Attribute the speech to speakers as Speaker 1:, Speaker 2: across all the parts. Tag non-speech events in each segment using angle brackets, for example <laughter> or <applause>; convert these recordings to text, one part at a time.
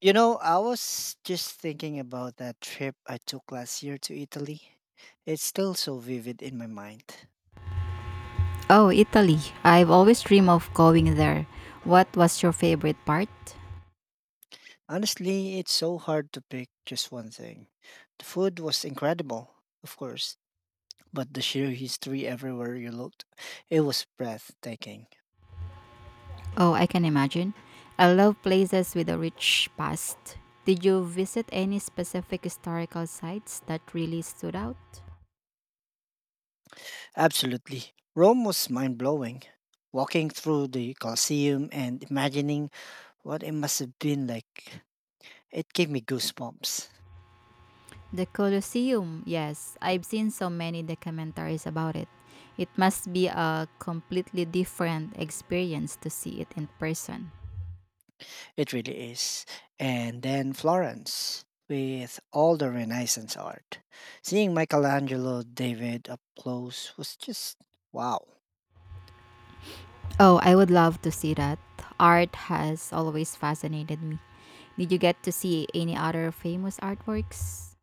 Speaker 1: You know, I was just thinking about that trip I took last year to Italy. It's still so vivid in my mind.
Speaker 2: Oh, Italy. I've always dreamed of going there. What was your favorite part?
Speaker 1: Honestly, it's so hard to pick just one thing. The food was incredible, of course, but the sheer history everywhere you looked, it was breathtaking.
Speaker 2: Oh, I can imagine. I love places with a rich past. Did you visit any specific historical sites that really stood out?
Speaker 1: Absolutely. Rome was mind blowing. Walking through the Colosseum and imagining what it must have been like, it gave me goosebumps.
Speaker 2: The Colosseum, yes. I've seen so many documentaries about it. It must be a completely different experience to see it in person.
Speaker 1: It really is. And then Florence, with all the Renaissance art. Seeing Michelangelo David up close was just wow.
Speaker 2: Oh, I would love to see that. Art has always fascinated me. Did you get to see any other famous artworks?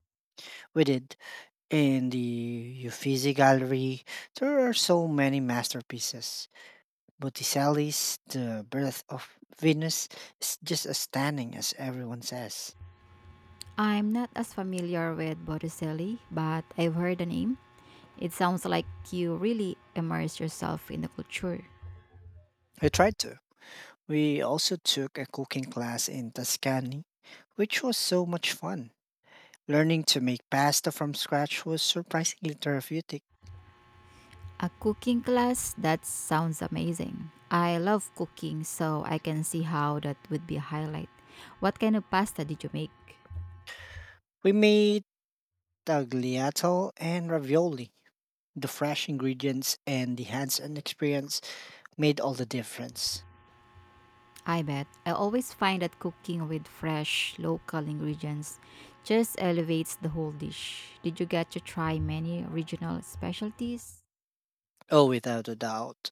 Speaker 1: We did, in the Uffizi Gallery. There are so many masterpieces. Botticelli's The Birth of Venus is just as stunning as everyone says.
Speaker 2: I'm not as familiar with Botticelli, but I've heard the name. It sounds like you really immerse yourself in the culture.
Speaker 1: We tried to. We also took a cooking class in Tuscany, which was so much fun. Learning to make pasta from scratch was surprisingly therapeutic.
Speaker 2: A cooking class? That sounds amazing. I love cooking, so I can see how that would be a highlight. What kind of pasta did you make?
Speaker 1: We made tagliatelle and ravioli. The fresh ingredients and the hands-on experience made all the difference.
Speaker 2: I bet. I always find that cooking with fresh, local ingredients just elevates the whole dish. Did you get to try many regional specialties?
Speaker 1: Oh, without a doubt.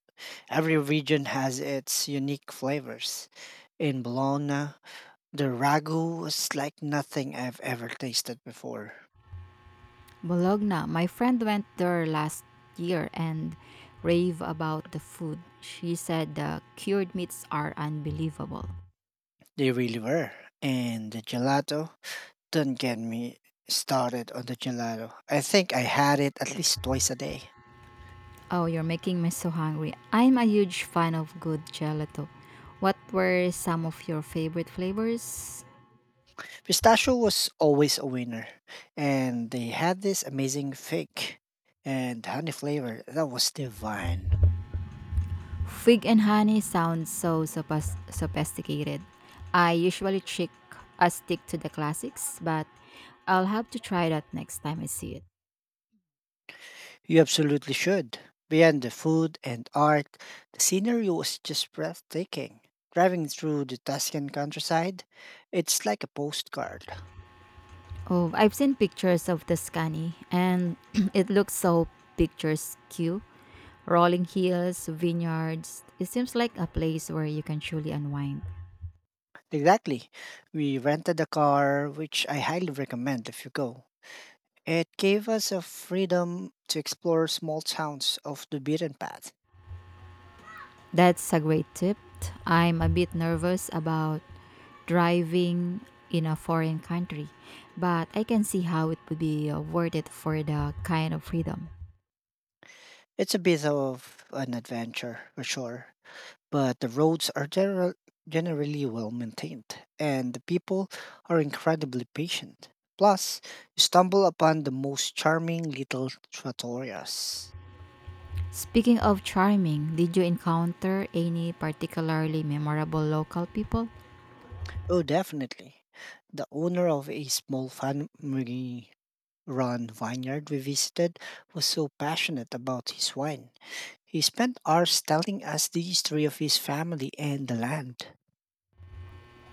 Speaker 1: Every region has its unique flavors. In Bologna, the ragu was like nothing I've ever tasted before.
Speaker 2: Bologna. My friend went there last year and rave about the food. She said the cured meats are unbelievable.
Speaker 1: They really were. And the gelato, don't get me started on the gelato. I think I had it at least twice a day.
Speaker 2: Oh, you're making me so hungry. I'm a huge fan of good gelato. What were some of your favorite flavors?
Speaker 1: Pistachio was always a winner, and they had this amazing fig and honey flavor that was divine.
Speaker 2: Fig and honey sounds so sophisticated. I usually stick to the classics, but I'll have to try that next time I see it.
Speaker 1: You absolutely should. Beyond the food and art, the scenery was just breathtaking. Driving through the Tuscan countryside, it's like a postcard.
Speaker 2: Oh, I've seen pictures of the Tuscany and <clears throat> it looks so picturesque. Rolling hills, vineyards. It seems like a place where you can truly unwind.
Speaker 1: Exactly. We rented a car, which I highly recommend if you go. It gave us a freedom to explore small towns off the beaten path.
Speaker 2: That's a great tip. I'm a bit nervous about driving in a foreign country, but I can see how it would be worth it for the kind of freedom.
Speaker 1: It's a bit of an adventure for sure, but the roads are generally well maintained and the people are incredibly patient. Plus, you stumble upon the most charming little trattorias.
Speaker 2: Speaking of charming, did you encounter any particularly memorable local people?
Speaker 1: Oh, definitely. The owner of a small family run vineyard we visited was so passionate about his wine. He spent hours telling us the history of his family and the land.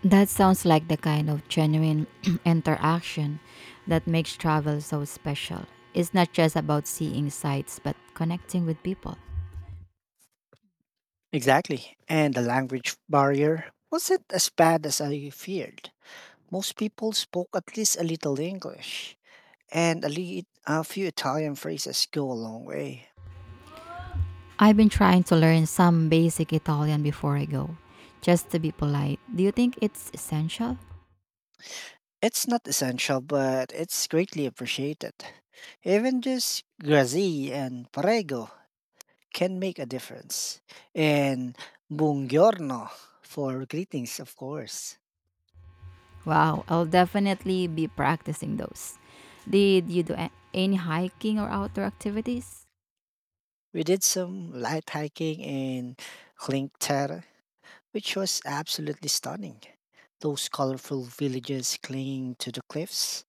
Speaker 2: That sounds like the kind of genuine <clears throat> interaction that makes travel so special. It's not just about seeing sights, but connecting with people.
Speaker 1: Exactly. And the language barrier wasn't as bad as I feared. Most people spoke at least a little English, and a few Italian phrases go a long way.
Speaker 2: I've been trying to learn some basic Italian before I go, just to be polite. Do you think it's essential?
Speaker 1: It's not essential, but it's greatly appreciated. Even just grazie and prego can make a difference. And buongiorno for greetings, of course.
Speaker 2: Wow, I'll definitely be practicing those. Did you any hiking or outdoor activities?
Speaker 1: We did some light hiking in Klinktera, which was absolutely stunning. Those colorful villages clinging to the cliffs.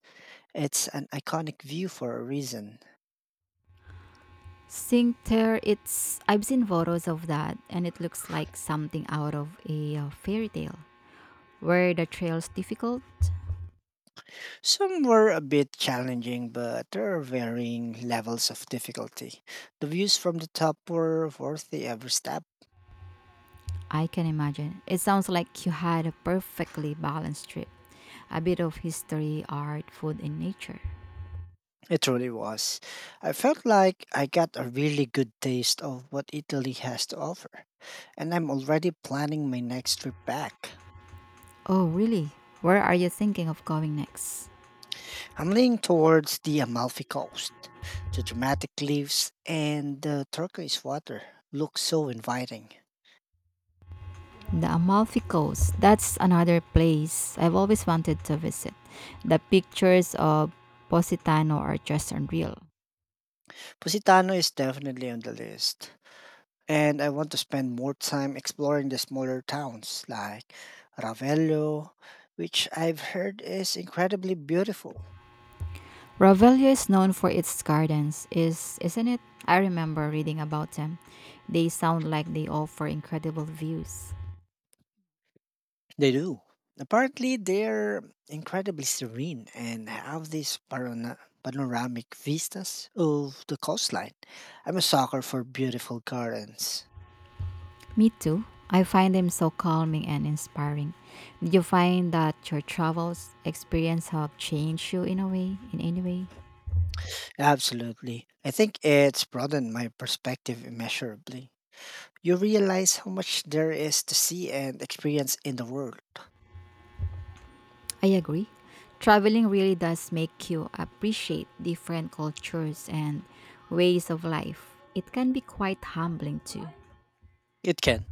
Speaker 1: It's an iconic view for a reason.
Speaker 2: Cinque Terre, it's I've seen photos of that and it looks like something out of a fairy tale. Were the trails difficult?
Speaker 1: Some were a bit challenging, but there are varying levels of difficulty. The views from the top were worth the every step.
Speaker 2: I can imagine. It sounds like you had a perfectly balanced trip. A bit of history, art, food, and nature.
Speaker 1: It truly was. I felt like I got a really good taste of what Italy has to offer, and I'm already planning my next trip back.
Speaker 2: Oh, really? Where are you thinking of going next?
Speaker 1: I'm leaning towards the Amalfi Coast. The dramatic cliffs and the turquoise water look so inviting.
Speaker 2: The Amalfi Coast. That's another place I've always wanted to visit. The pictures of Positano are just unreal.
Speaker 1: Positano is definitely on the list. And I want to spend more time exploring the smaller towns like Ravello, which I've heard is incredibly beautiful.
Speaker 2: Ravello is known for its gardens, is isn't it? I remember reading about them. They sound like they offer incredible views.
Speaker 1: They do. Apparently, they're incredibly serene and have these panoramic vistas of the coastline. I'm a sucker for beautiful gardens.
Speaker 2: Me too. I find them so calming and inspiring. Did you find that your travels experience have changed you in any way?
Speaker 1: Absolutely. I think it's broadened my perspective immeasurably. You realize how much there is to see and experience in the world.
Speaker 2: I agree. Traveling really does make you appreciate different cultures and ways of life. It can be quite humbling too.
Speaker 1: It can.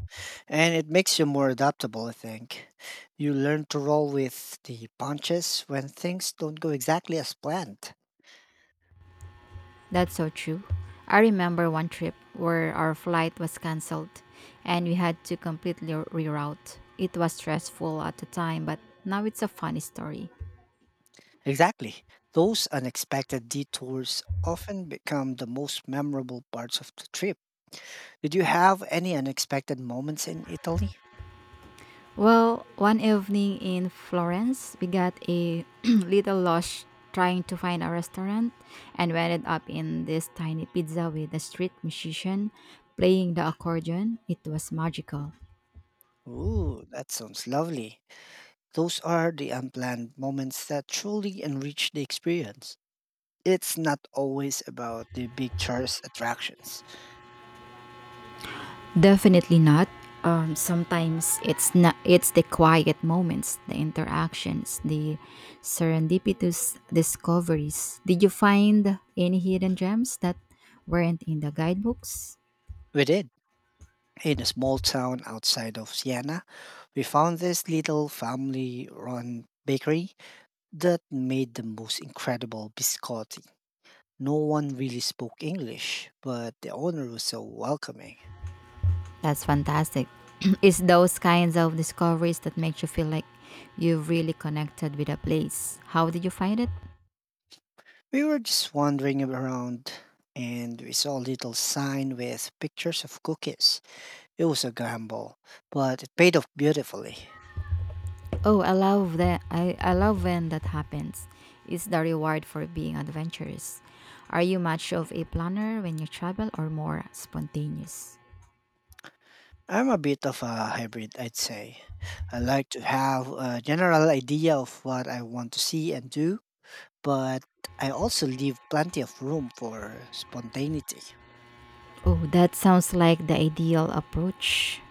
Speaker 1: And it makes you more adaptable, I think. You learn to roll with the punches when things don't go exactly as planned.
Speaker 2: That's so true. I remember one trip where our flight was cancelled and we had to completely reroute. It was stressful at the time, but now it's a funny story.
Speaker 1: Exactly. Those unexpected detours often become the most memorable parts of the trip. Did you have any unexpected moments in Italy?
Speaker 2: Well, one evening in Florence, we got a <clears throat> little lost trying to find a restaurant and we ended up in this tiny pizza with a street musician playing the accordion. It was magical.
Speaker 1: Ooh, that sounds lovely. Those are the unplanned moments that truly enrich the experience. It's not always about the big tourist attractions.
Speaker 2: Definitely not. Sometimes it's not. It's the quiet moments, the interactions, the serendipitous discoveries. Did you find any hidden gems that weren't in the guidebooks?
Speaker 1: We did. In a small town outside of Siena, we found this little family run bakery that made the most incredible biscotti. No one really spoke English, but the owner was so welcoming.
Speaker 2: That's fantastic. <clears throat> It's those kinds of discoveries that makes you feel like you've really connected with a place. How did you find it?
Speaker 1: We were just wandering around and we saw a little sign with pictures of cookies. It was a gamble, but it paid off beautifully.
Speaker 2: Oh, I love that. I love when that happens. It's the reward for being adventurous. Are you much of a planner when you travel or more spontaneous?
Speaker 1: I'm a bit of a hybrid, I'd say. I like to have a general idea of what I want to see and do, but I also leave plenty of room for spontaneity.
Speaker 2: Oh, that sounds like the ideal approach.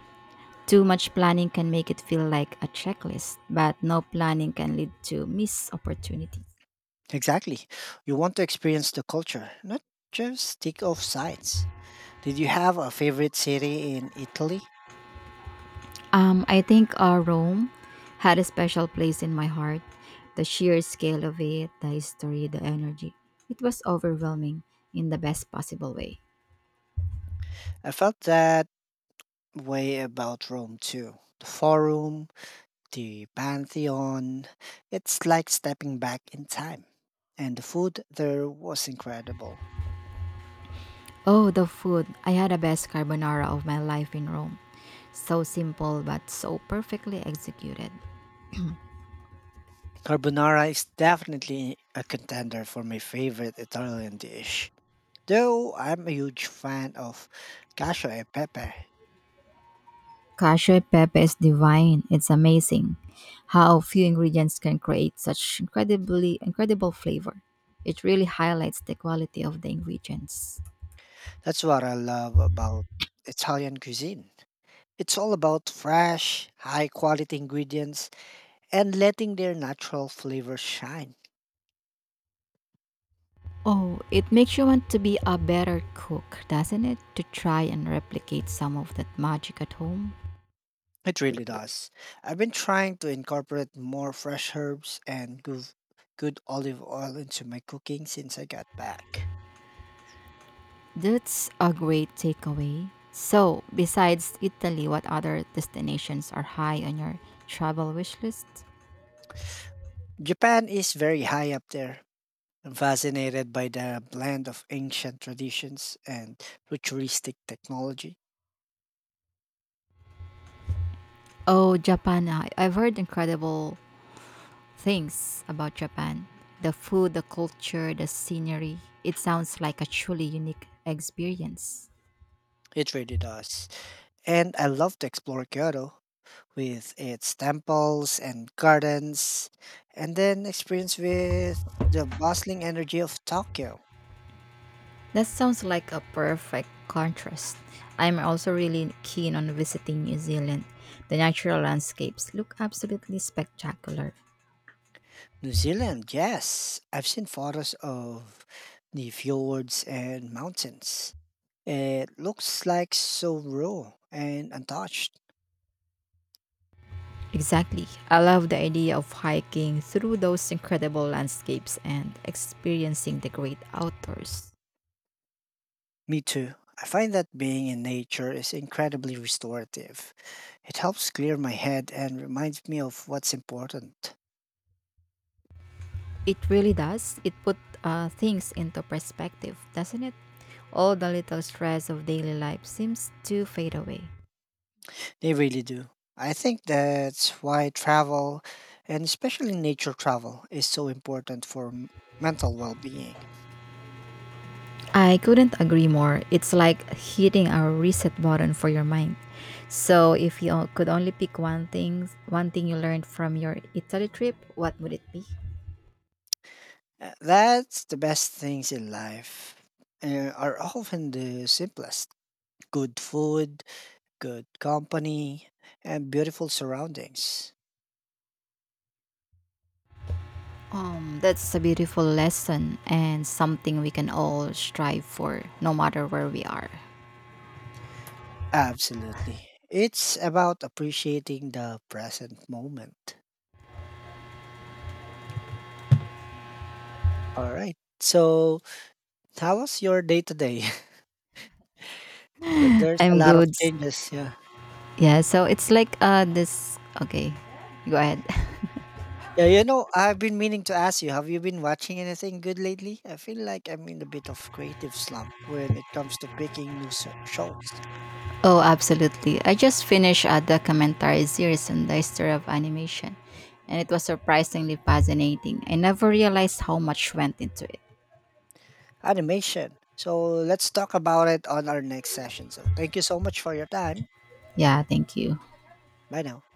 Speaker 2: Too much planning can make it feel like a checklist, but no planning can lead to missed opportunity.
Speaker 1: Exactly. You want to experience the culture, not just tick off sites. Did you have a favorite city in Italy?
Speaker 2: I think Rome had a special place in my heart. The sheer scale of it, the history, the energy. It was overwhelming in the best possible way.
Speaker 1: I felt that way about Rome too. The Forum, the Pantheon, it's like stepping back in time. And the food there was incredible.
Speaker 2: Oh, the food. I had the best carbonara of my life in Rome. So simple but so perfectly executed.
Speaker 1: Carbonara is definitely a contender for my favorite Italian dish. Though I'm a huge fan of cacio e pepe.
Speaker 2: Cashew e pepe is divine. It's amazing how few ingredients can create such incredibly incredible flavor. It really highlights the quality of the ingredients.
Speaker 1: That's what I love about Italian cuisine. It's all about fresh, high quality ingredients and letting their natural flavors shine.
Speaker 2: Oh, it makes you want to be a better cook, doesn't it? To try and replicate some of that magic at home.
Speaker 1: It really does. I've been trying to incorporate more fresh herbs and good olive oil into my cooking since I got back.
Speaker 2: That's a great takeaway. So, besides Italy, what other destinations are high on your travel wish list?
Speaker 1: Japan is very high up there. I'm fascinated by the blend of ancient traditions and futuristic technology.
Speaker 2: Oh, Japan. I've heard incredible things about Japan. The food, the culture, the scenery. It sounds like a truly unique experience.
Speaker 1: It really does. And I love to explore Kyoto with its temples and gardens, and then experience with the bustling energy of Tokyo.
Speaker 2: That sounds like a perfect contrast. I'm also really keen on visiting New Zealand. The natural landscapes look absolutely spectacular.
Speaker 1: New Zealand, yes. I've seen photos of the fjords and mountains. It looks like so raw and untouched.
Speaker 2: Exactly. I love the idea of hiking through those incredible landscapes and experiencing the great outdoors.
Speaker 1: Me too. I find that being in nature is incredibly restorative. It helps clear my head and reminds me of what's important.
Speaker 2: It really does. It put things into perspective, doesn't it? All the little stress of daily life seems to fade away.
Speaker 1: They really do. I think that's why travel, and especially nature travel, is so important for mental well being.
Speaker 2: I couldn't agree more. It's like hitting a reset button for your mind. So, if could only pick one thing you learned from your Italy trip, what would it be?
Speaker 1: That's the best things in life are often the simplest, good food, good company, and beautiful surroundings.
Speaker 2: That's a beautiful lesson and something we can all strive for, no matter where we are.
Speaker 1: Absolutely. It's about appreciating the present moment. All right. So, how was your day today? <laughs> So there's a
Speaker 2: I'm
Speaker 1: lot of
Speaker 2: good.
Speaker 1: changes. Yeah.
Speaker 2: Yeah. So it's like this. Okay, go ahead.
Speaker 1: Yeah, you know, I've been meaning to ask you, have you been watching anything good lately? I feel like I'm in a bit of creative slump when it comes to picking new shows.
Speaker 2: Oh, absolutely. I just finished a documentary series on the history of animation, and it was surprisingly fascinating. I never realized how much went into it.
Speaker 1: Animation. So let's talk about it on our next session. So thank you so much for your time.
Speaker 2: Yeah, thank you.
Speaker 1: Bye now.